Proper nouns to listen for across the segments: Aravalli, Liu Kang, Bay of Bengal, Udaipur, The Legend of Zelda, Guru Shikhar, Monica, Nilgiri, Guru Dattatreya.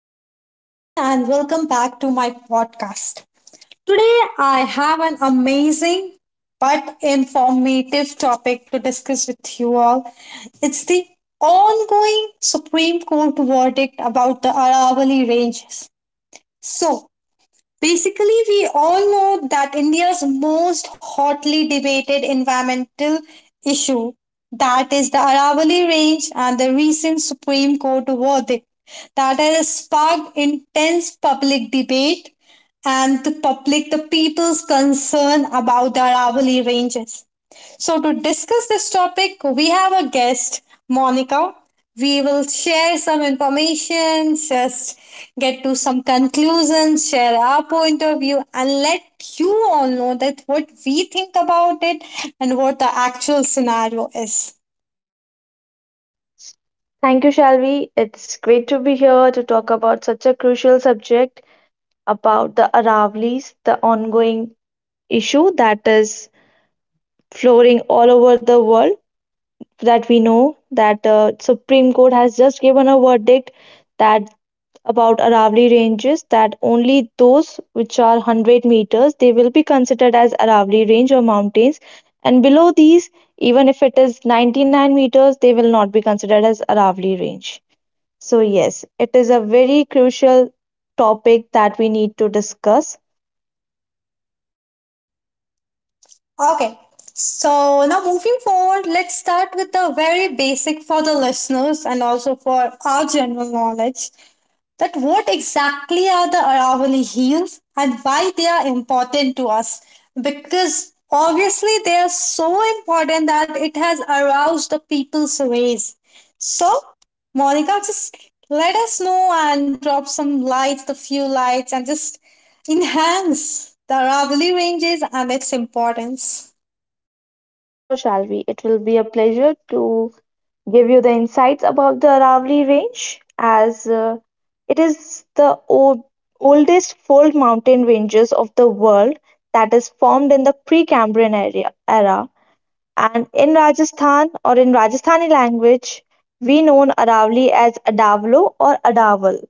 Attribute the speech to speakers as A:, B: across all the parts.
A: Hello, everyone, and welcome back to my podcast. Today, I have an amazing but informative topic to discuss with you all. It's the ongoing Supreme Court verdict about the Aravalli Ranges. So, Basically, we all know that India's most hotly debated environmental issue, that is the Aravalli Range and the recent Supreme Court verdict, that has sparked intense public debate and the people's concern about the Aravalli Ranges. So, to discuss this topic, we have a guest, Monica. We will share some information, just get to some conclusions, share our point of view, and let you all know that what we think about it and what the actual scenario is.
B: Thank you, Shalvi. It's great to be here to talk about such a crucial subject about the Aravlis, the ongoing issue that is flooring all over the world. That we know that Supreme Court has just given a verdict that about Aravali ranges that only those which are 100 meters they will be considered as Aravali range or mountains, and below these, even if it is 99 meters, they will not be considered as Aravali range. So, yes, it is a very crucial topic that we need to discuss.
A: Okay, so now moving forward, let's start with the very basic for the listeners and also for our general knowledge, that what exactly are the Aravalli Hills and why they are important to us. Because obviously they are so important that it has aroused the people's race. So, Monica, just let us know and drop some lights, the few lights, and just enhance the Aravalli ranges and its importance.
B: Sure, Shalvi. It will be a pleasure to give you the insights about the Aravali range as it is the oldest fold mountain ranges of the world that is formed in the Precambrian era. And in Rajasthan or in Rajasthani language, we known Aravali as Adavlo or Adaval.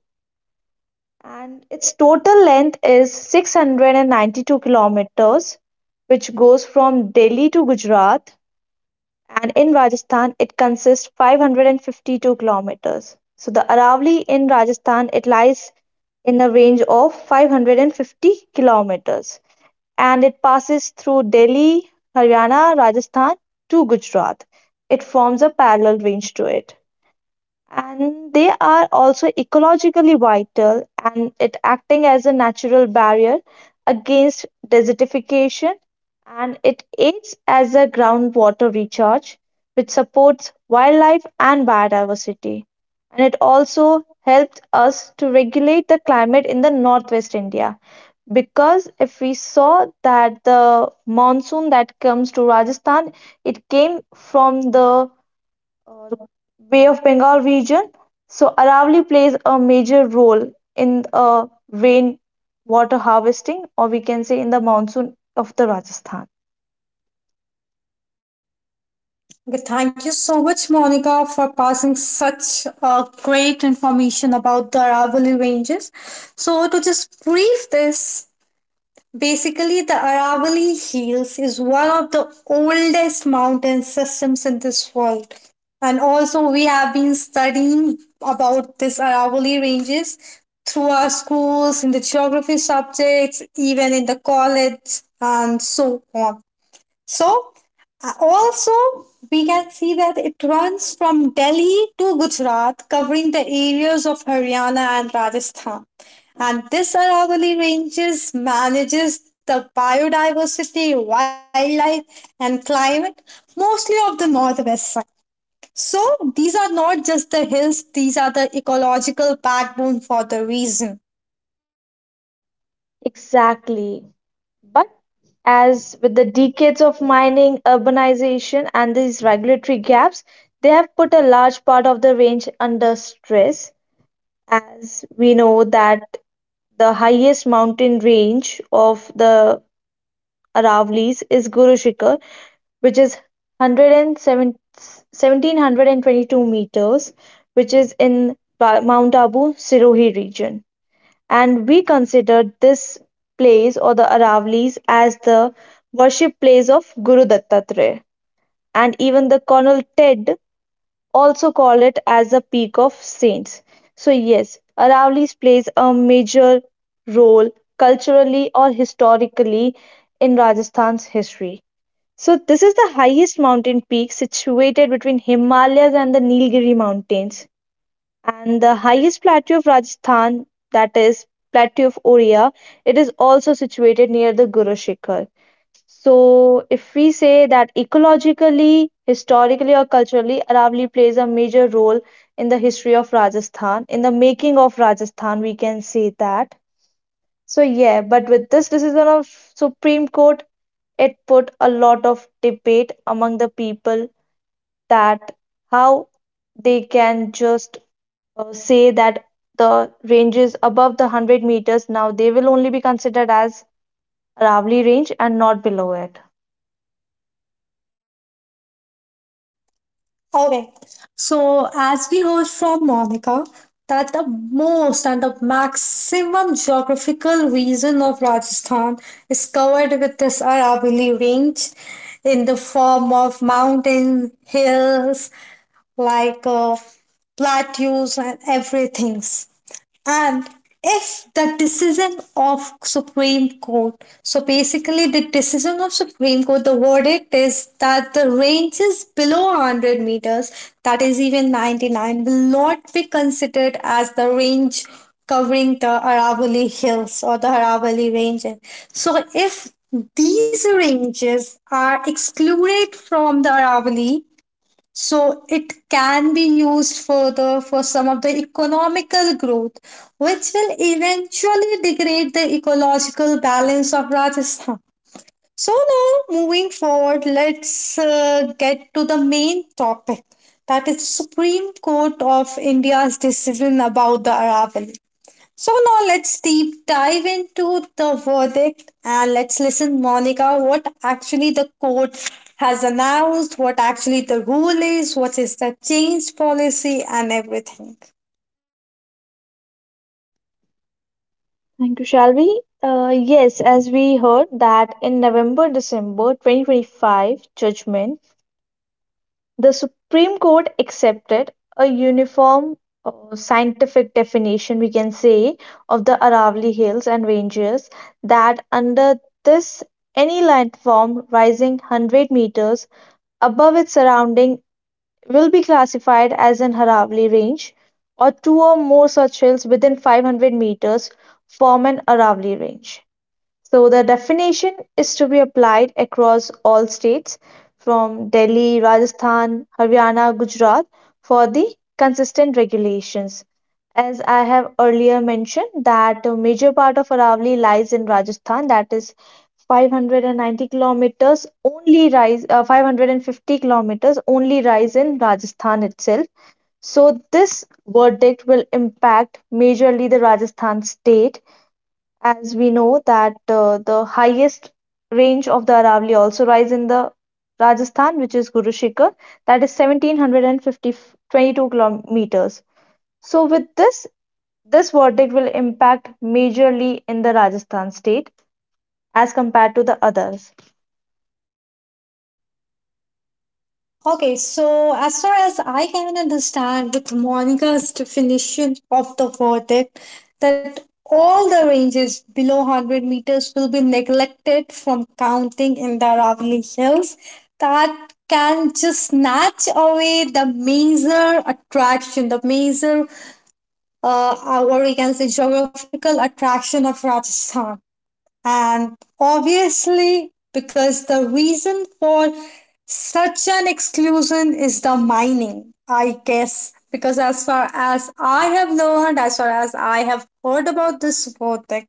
B: And its total length is 692 kilometers, which goes from Delhi to Gujarat. And in Rajasthan, it consists 552 kilometers. So the Aravalli in Rajasthan, it lies in a range of 550 kilometers, and it passes through Delhi, Haryana, Rajasthan to Gujarat. It forms a parallel range to it, and they are also ecologically vital, and it acting as a natural barrier against desertification, and it aids as a groundwater recharge, which supports wildlife and biodiversity, and it also helps us to regulate the climate in the northwest India. Because if we saw that the monsoon that comes to Rajasthan, it came from the uh, Bay of Bengal region. So Aravalli plays a major role in rain water harvesting, or we can say in the monsoon of the Rajasthan.
A: Okay, thank you so much, Monica, for passing such great information about the Aravalli Ranges. So, to just brief this, basically, the Aravalli Hills is one of the oldest mountain systems in this world. And also, we have been studying about this Aravalli Ranges through our schools, in the geography subjects, even in the college, and so on. So, also, we can see that it runs from Delhi to Gujarat, covering the areas of Haryana and Rajasthan. And this Aravalli Ranges manages the biodiversity, wildlife, and climate mostly of the northwest side. So, these are not just the hills, these are the ecological backbone for the region.
B: Exactly. But as with the decades of mining, urbanization, and these regulatory gaps, they have put a large part of the range under stress. As we know that the highest mountain range of the Aravallis is Guru Shikhar, which is 107 1722 meters, which is in Mount Abu Sirohi region, and we consider this place or the Aravalis as the worship place of Guru Dattatreya. And even the Colonel Ted also call it as the peak of saints. So yes, Aravalis plays a major role culturally or historically in Rajasthan's history. So this is the highest mountain peak situated between Himalayas and the Nilgiri mountains, and the highest plateau of Rajasthan, that is plateau of Oria, it is also situated near the Guru Shikhar. So, if we say that ecologically, historically, or culturally, Aravali plays a major role in the history of Rajasthan, in the making of Rajasthan, we can say that. So, yeah, but with this decision of Supreme Court, it put a lot of debate among the people that how they can just say that the ranges above the 100 meters now they will only be considered as Ravli range and not below it.
A: Okay. So, as we heard from Monica, that the most and the maximum geographical region of Rajasthan is covered with this Aravalli range in the form of mountain hills like plateaus and everything. And if the decision of Supreme Court, so basically the decision of Supreme Court, the verdict is that the ranges below 100 meters, that is even 99, will not be considered as the range covering the Aravalli Hills or the Aravalli Ranges. So if these ranges are excluded from the Aravalli, so it can be used further for some of the economical growth, which will eventually degrade the ecological balance of Rajasthan. So now, moving forward, let's get to the main topic, that is the Supreme Court of India's decision about the Aravalli. So now let's deep dive into the verdict and let's listen, Monica, what actually the court has announced, what actually the rule is, what is the change policy, and everything.
B: Thank you, Shalvi. Yes, as we heard that in November December 2025 judgment, the Supreme Court accepted a uniform scientific definition, we can say, of the Aravalli Hills and Ranges, that under this any landform rising 100 meters above its surrounding will be classified as an Aravalli range, or two or more such hills within 500 meters form an Aravalli range. So the definition is to be applied across all states from Delhi, Rajasthan, Haryana, Gujarat for the consistent regulations. As I have earlier mentioned that a major part of Aravalli lies in Rajasthan, that is 590 kilometers only rise uh, 550 kilometers only rise in Rajasthan itself. So this verdict will impact majorly the Rajasthan state, as we know that the highest range of the Aravalli also rise in the Rajasthan, which is Guru Shikhar, that is 150 22 kilometers. So with this, this verdict will impact majorly in the Rajasthan state as compared to the others.
A: Okay, so as far as I can understand, with Monica's definition of the verdict, that all the ranges below 100 meters will be neglected from counting in the Aravalli Hills. That can just snatch away the major attraction, the major, or we can say, geographical attraction of Rajasthan. And obviously, because the reason for such an exclusion is the mining, I guess. Because as far as I have learned, as far as I have heard about this project,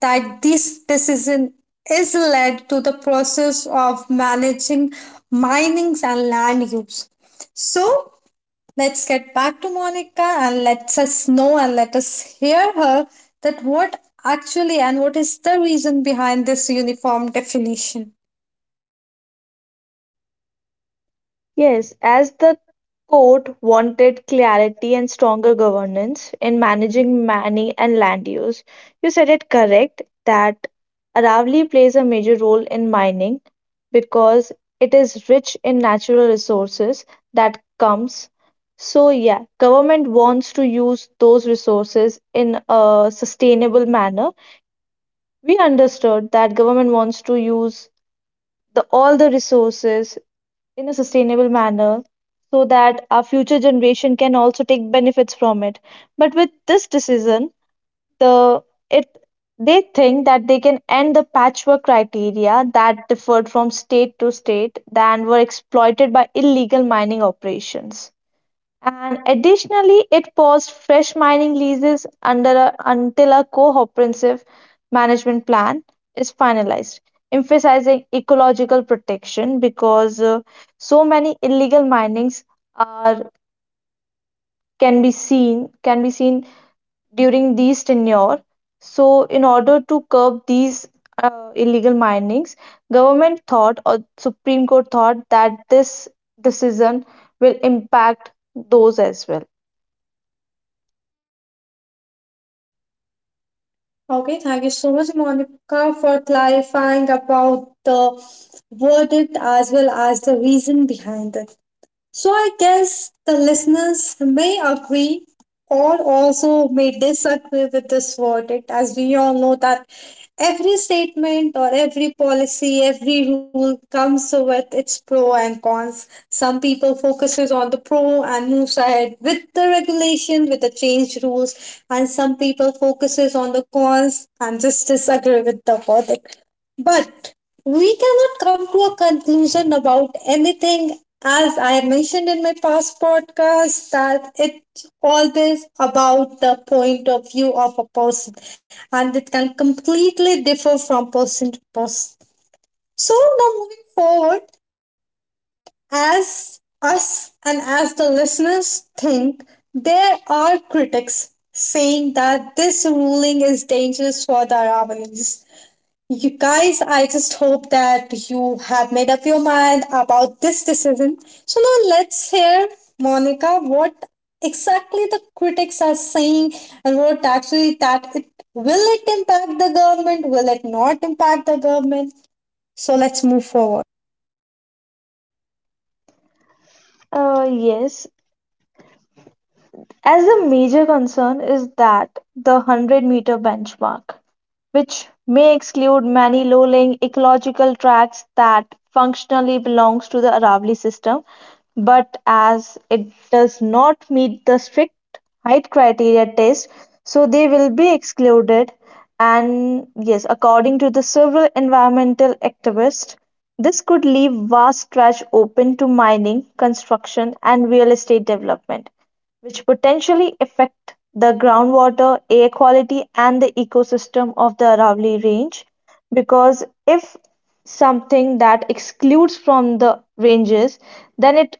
A: that this decision is led to the process of managing minings and land use. So let's get back to Monica and let us know and let us hear her that what actually and what is the reason behind this uniform definition.
B: Yes, as the court wanted clarity and stronger governance in managing money and land use. You said it correct that Aravali plays a major role in mining because it is rich in natural resources that comes. So yeah, government wants to use those resources in a sustainable manner. We understood that government wants to use the all the resources in a sustainable manner so that our future generation can also take benefits from it, but with this decision the it they think that they can end the patchwork criteria that differed from state to state and were exploited by illegal mining operations. And additionally, it paused fresh mining leases under until a comprehensive management plan is finalized, emphasizing ecological protection, because so many illegal minings are can be seen during these tenure. So, in order to curb these illegal minings, government thought or Supreme Court thought that this decision will impact those as well.
A: Okay, thank you so much, Monica, for clarifying about the verdict as well as the reason behind it. So I guess the listeners may agree or also may disagree with this verdict, as we all know that every statement or every policy, every rule comes with its pro and cons. Some people focuses on the pro and moves ahead with the regulation, with the changed rules, and some people focuses on the cons and just disagree with the verdict. But we cannot come to a conclusion about anything, as I have mentioned in my past podcast, that it's always about the point of view of a person and it can completely differ from person to person. So now moving forward, as us and as the listeners think, there are critics saying that this ruling is dangerous for the Ravanese. You guys, I just hope that you have made up your mind about this decision. So now let's hear, Monica, what exactly the critics are saying and what actually that it, will it impact the government, will it not impact the government? So let's move forward.
B: Yes, as the major concern is that the 100 meter benchmark, which may exclude many low-lying ecological tracts that functionally belongs to the Aravali system, but as it does not meet the strict height criteria test, so they will be excluded. And yes, according to the several environmental activists, this could leave vast stretch open to mining, construction, and real estate development, which potentially affect the groundwater, air quality, and the ecosystem of the Aravalli Range. Because if something that excludes from the ranges, then it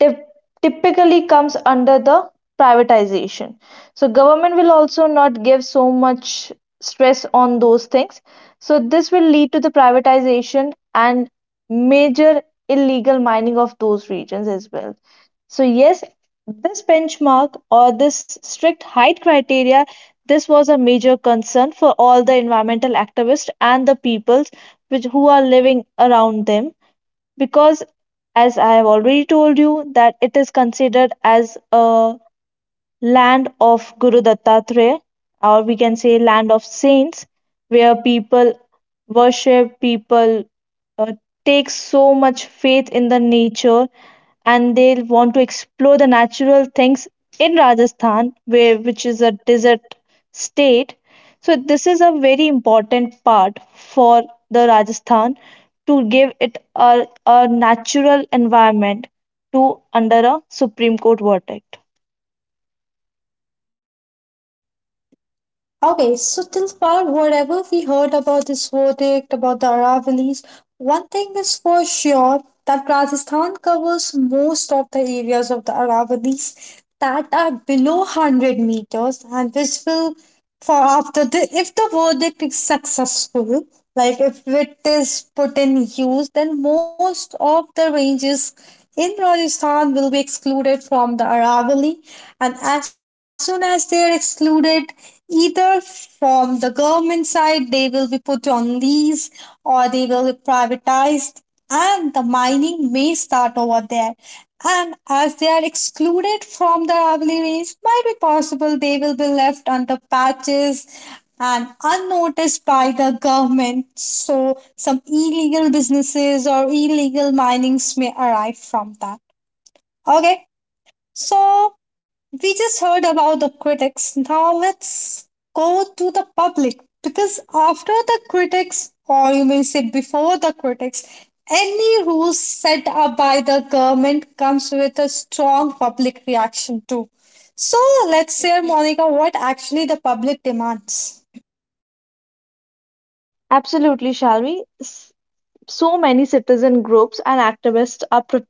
B: typ- typically comes under the privatization. So government will also not give so much stress on those things. So this will lead to the privatization and major illegal mining of those regions as well. So yes, this benchmark or this strict height criteria, this was a major concern for all the environmental activists and the peoples which who are living around them, because as I have already told you that it is considered as a land of Guru Dattatreya, or we can say land of saints, where people worship, people uh, take so much faith in the nature, and they want to explore the natural things in Rajasthan where which is a desert state. So this is a very important part for the Rajasthan to give it a natural environment to under a Supreme Court verdict.
A: Okay, so till Tilpal, whatever we heard about this verdict, about the Aravallis, one thing is for sure that Rajasthan covers most of the areas of the Aravallis that are below 100 meters, and this will, for after the, if the verdict is successful, like if it is put in use, then most of the ranges in Rajasthan will be excluded from the Aravalli, and as soon as they are excluded, either from the government side they will be put on lease or they will be privatized and the mining may start over there. And as they are excluded from the rivalries, might be possible they will be left under patches and unnoticed by the government, so some illegal businesses or illegal minings may arrive from that. Okay, so, we just heard about the critics. Now, let's go to the public because after the critics, or you may say before the critics, any rules set up by the government comes with a strong public reaction too. So, let's hear, Monica, what actually the public demands.
B: Absolutely, Shalvi. S- So many citizen groups and activists are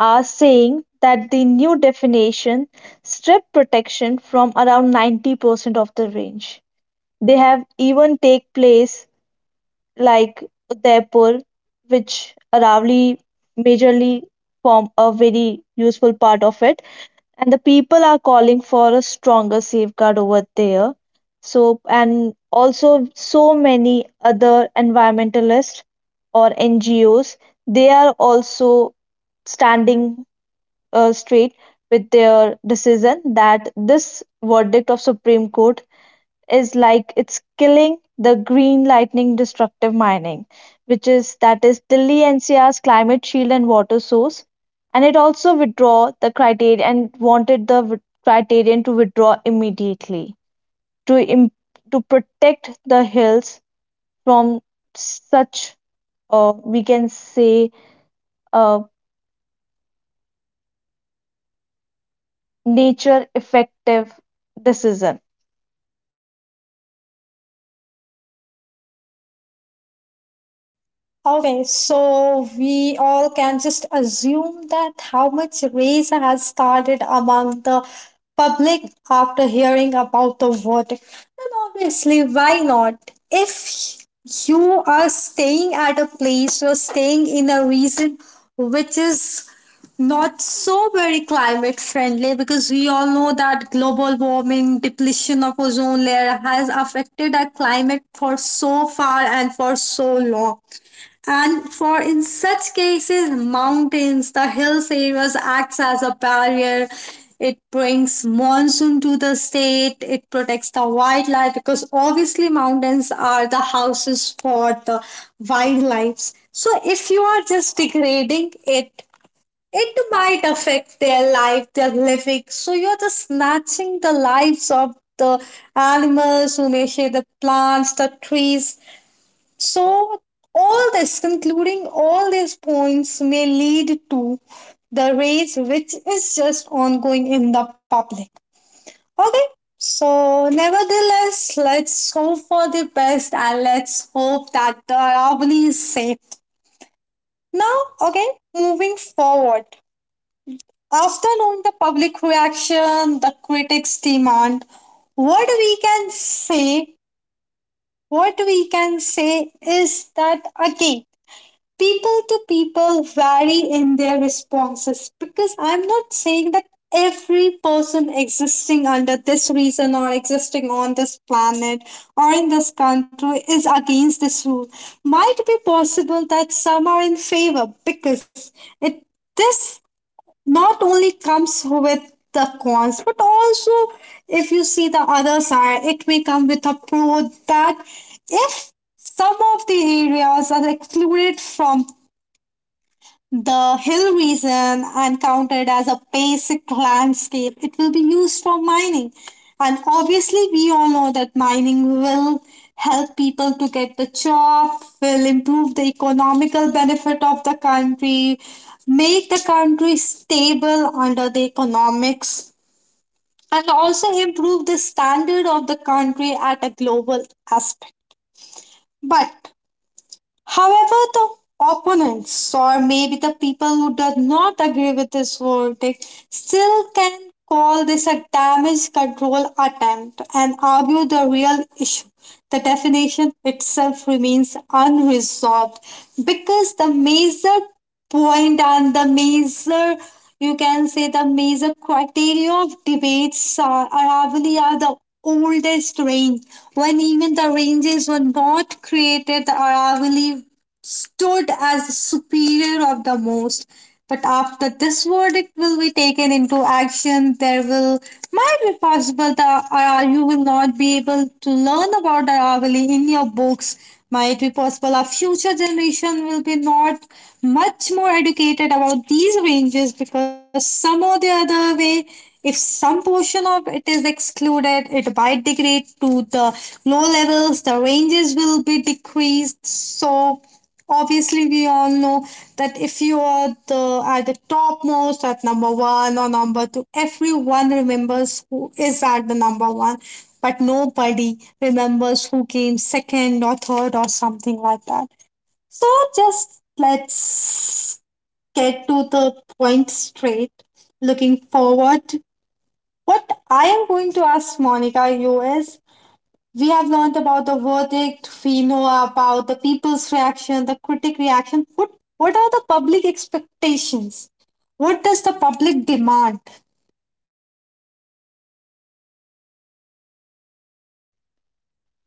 B: are saying that the new definition stripped protection from around 90% of the range. They have even take place like Udaipur, which Aravalli majorly form a very useful part of it. And the people are calling for a stronger safeguard over there. So, and also so many other environmentalists or NGOs, they are also standing straight with their decision that this verdict of Supreme Court is like it's killing the green lightning destructive mining, which is that is Delhi NCR's climate shield and water source. And it also withdraw the criteria and wanted the criterion to withdraw immediately to im- to protect the hills from such we can say, uh, nature effective decision.
A: Okay, so we all can just assume that how much race has started among the public after hearing about the verdict. And obviously, why not? If you are staying at a place, you're staying in a region which is not so very climate friendly, because we all know that global warming, depletion of ozone layer has affected our climate for so far and for so long, and for in such cases, mountains, the hills areas acts as a barrier. It brings monsoon to the state. It protects the wildlife because obviously mountains are the houses for the wildlife. So if you are just degrading it, it might affect their life, their living. So you're just snatching the lives of the animals who may share the plants, the trees, so, all this, concluding all these points, may lead to the rage, which is just ongoing in the public. Okay, so nevertheless, let's hope for the best and let's hope that the Aravalli is saved. Now, okay, moving forward. After knowing the public reaction, the critics' demand, what we can say, what we can say is that again, people to people vary in their responses because I'm not saying that every person existing under this reason or existing on this planet or in this country is against this rule. Might be possible that some are in favor because it this not only comes with the cons but also if you see the other side it may come with a pro that if some of the areas are excluded from the hill region, and counted as a basic landscape, it will be used for mining. And obviously, we all know that mining will help people to get the job, will improve the economical benefit of the country, make the country stable under the economics, and also improve the standard of the country at a global aspect. But however, the opponents, or maybe the people who do not agree with this verdict, still can call this a damage control attempt and argue the real issue. The definition itself remains unresolved because the measure point and the major, you can say the major criteria of debates are probably are the oldest range. When even the ranges were not created, the Aravalli stood as the superior of the most. But after this verdict will be taken into action, there will, might be possible that you will not be able to learn about Aravalli in your books. Might be possible our future generation will be not much more educated about these ranges, because some or the other way, if some portion of it is excluded, it might degrade to the low levels, the ranges will be decreased. So obviously we all know that if you are the at the topmost at number one or number two, everyone remembers who is at the number one but nobody remembers who came second or third or something like that. So just let's get to the point straight. Looking forward, what I am going to ask Monica you is, we have learned about the verdict, we know about the people's reaction, the critic reaction. What are the public expectations? What does the public demand?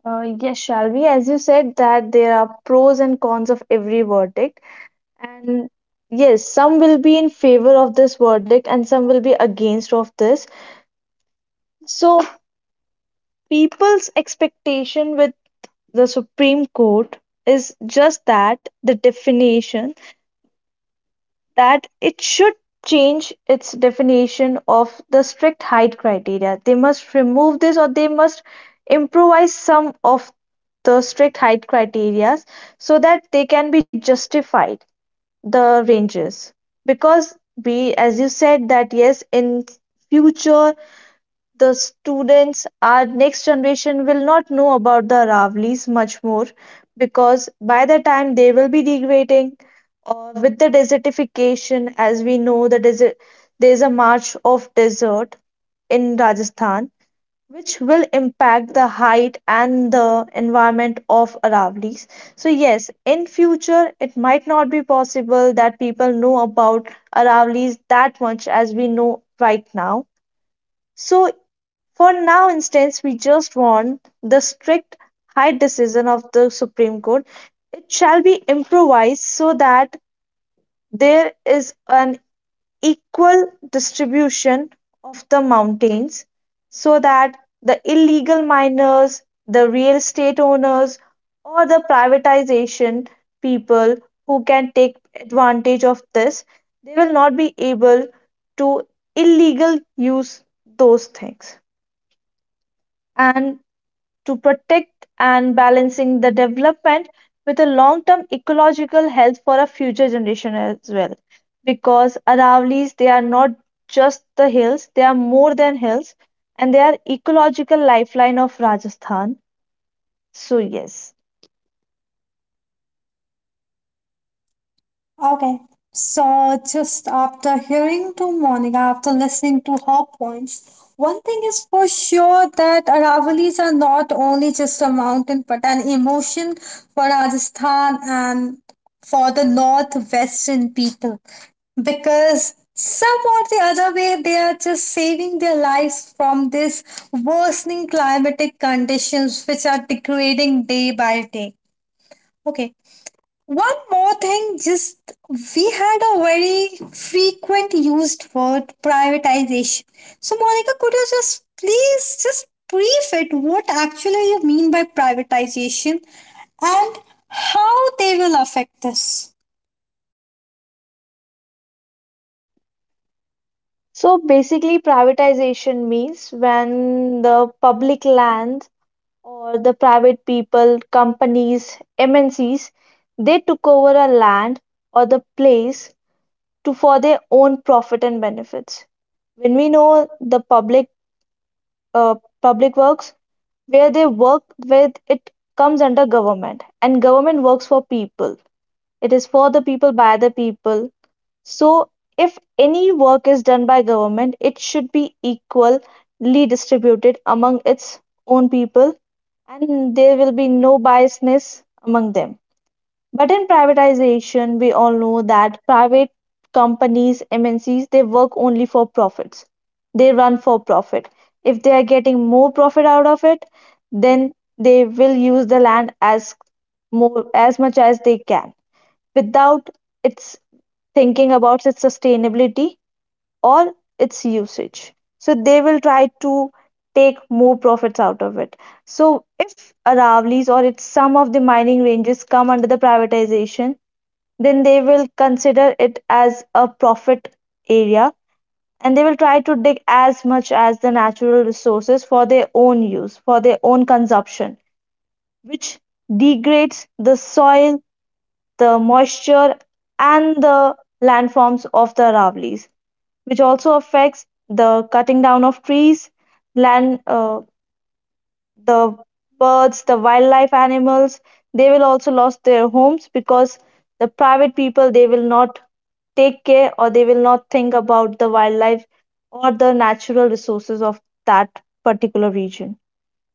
B: Yes, Shalvi, as you said that there are pros and cons of every verdict. And yes, some will be in favor of this verdict and some will be against of this. So people's expectation with the Supreme Court is just that the definition that it should change its definition of the strict height criteria. They must remove this, or they must improvise some of the strict height criteria so that they can be justified. The ranges, because we as you said that yes, in future the students our next generation will not know about the Aravlis much more, because by the time they will be degrading or with the desertification, as we know the desert, there is a march of desert in Rajasthan which will impact the height and the environment of Aravallis. So yes, in future it might not be possible that people know about Aravallis that much as we know right now. So for now instance, we just want the strict height decision of the Supreme Court. It shall be improvised so that there is an equal distribution of the mountains so that the illegal miners, the real estate owners, or the privatization people who can take advantage of this, they will not be able to illegal use those things. And to protect and balancing the development with a long-term ecological health for a future generation as well. Because Aravallis, they are not just the hills, they are more than hills, and they are ecological lifeline of Rajasthan. So yes.
A: Okay. So just after hearing to Monica, after listening to her points, one thing is for sure that Aravalis are not only just a mountain but an emotion for Rajasthan and for the northwestern people. Because some or the other way they are just saving their lives from this worsening climatic conditions which are degrading day by day. Okay. One more thing, just we had a very frequent used word privatization. So, Monica, could you just please just brief it what actually you mean by privatization and how they will affect this?
B: So basically, privatization means when the public land or the private people, companies, MNCs, they took over a land or the place to for their own profit and benefits. When we know the public uh, public works where they work with it comes under government, and government works for people. It is for the people by the people. So if any work is done by government, it should be equally distributed among its own people, and there will be no biasness among them. But in privatization, we all know that private companies, MNCs, they work only for profits. They run for profit. If they are getting more profit out of it, then they will use the land as more as much as they can without its thinking about its sustainability or its usage. So they will try to take more profits out of it. So if Aravlis or its some of the mining ranges come under the privatization, then they will consider it as a profit area, and they will try to dig as much as the natural resources for their own use, for their own consumption, which degrades the soil, the moisture, and the landforms of the Aravallis, which also affects the cutting down of trees, land the birds, the wildlife animals, they will also lose their homes because the private people they will not take care, or they will not think about the wildlife or the natural resources of that particular region.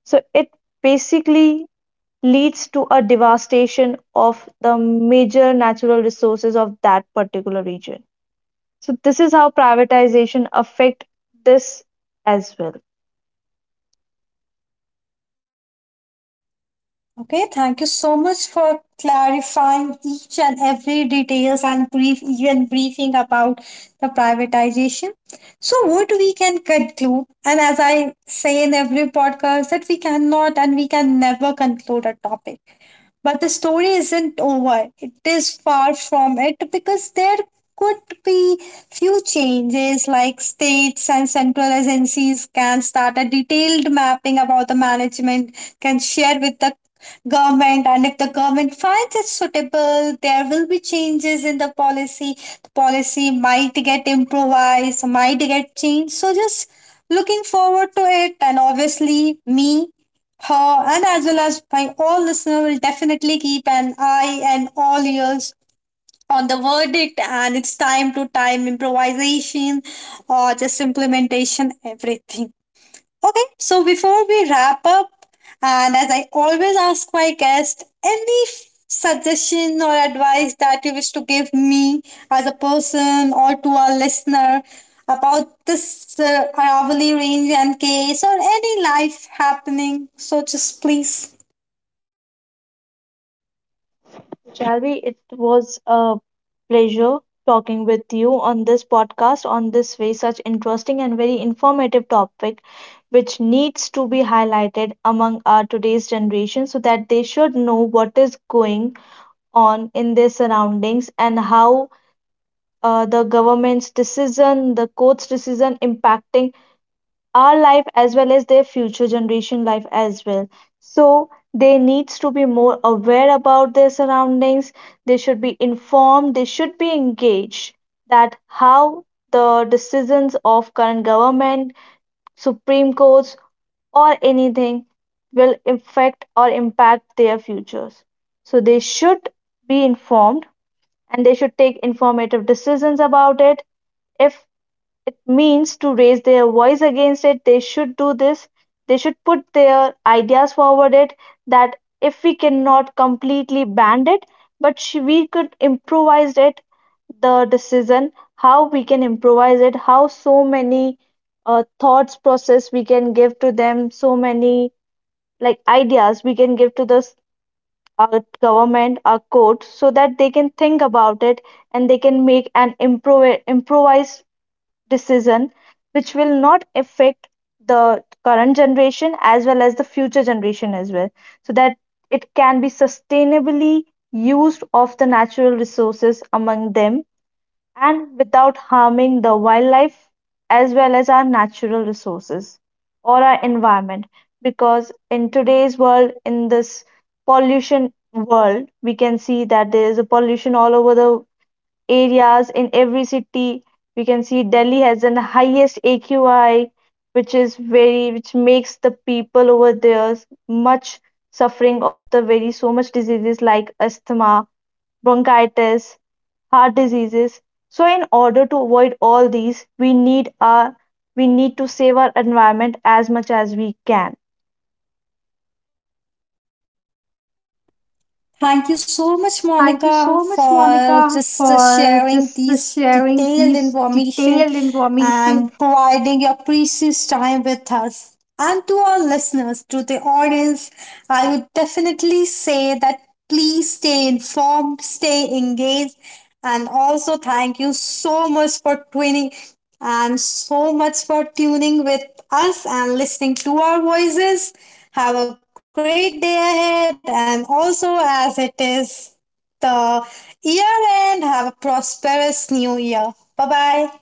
B: So it basically leads to a devastation of the major natural resources of that particular region. So this is how privatization affect this as well.
A: Okay, thank you so much for clarifying each and every details and brief even briefing about the privatization. So what we can conclude, and as I say in every podcast, that we cannot and we can never conclude a topic. But the story isn't over. It is far from it, because there could be few changes like states and central agencies can start a detailed mapping about the management, can share with the government, and if the government finds it suitable there will be changes in the policy. The policy might get improvised, might get changed, so just looking forward to it. And obviously me, her, and as well as my all listener will definitely keep an eye and all ears on the verdict and it's time to time improvisation or just implementation, everything. Okay, so before we wrap up, and as I always ask my guest, any f- suggestion or advice that you wish to give me as a person or to our listener about this Aravalli range and case or any life happening? So just please.
B: Shalvi, it was a pleasure talking with you on this podcast on this way, such interesting and very informative topic, which needs to be highlighted among our today's generation so that they should know what is going on in their surroundings and how the government's decision, the court's decision impacting our life as well as their future generation life as well. So they needs to be more aware about their surroundings. They should be informed, they should be engaged, that how the decisions of current government, supreme courts, or anything will affect or impact their futures. So they should be informed, and they should take informative decisions about it. If it means to raise their voice against it, they should do this. They should put their ideas forward it, that if we cannot completely ban it, but we could improvise it, the decision, how we can improvise it, how so many thoughts process we can give to them, so many like ideas we can give to this, our government our court, so that they can think about it and they can make an improvised decision which will not affect the current generation as well as the future generation as well. So that it can be sustainably used of the natural resources among them, and without harming the wildlife as well as our natural resources or our environment, because in today's world, in this pollution world, we can see that there is a pollution all over the areas in every city. We can see Delhi has the highest AQI, which is very which makes the people over there much suffering of the very so much diseases like asthma, bronchitis, heart diseases. So in order to avoid all these, we need our we need to save our environment as much as we can.
A: Thank you so much, Monica, for just sharing these detailed information and providing your precious time with us. And to our listeners, to the audience, I would definitely say that please stay informed, stay engaged, and also thank you so much for tuning and so much for tuning with us and listening to our voices. Have a great day ahead, and also as it is the year end, have a prosperous new year. Bye bye.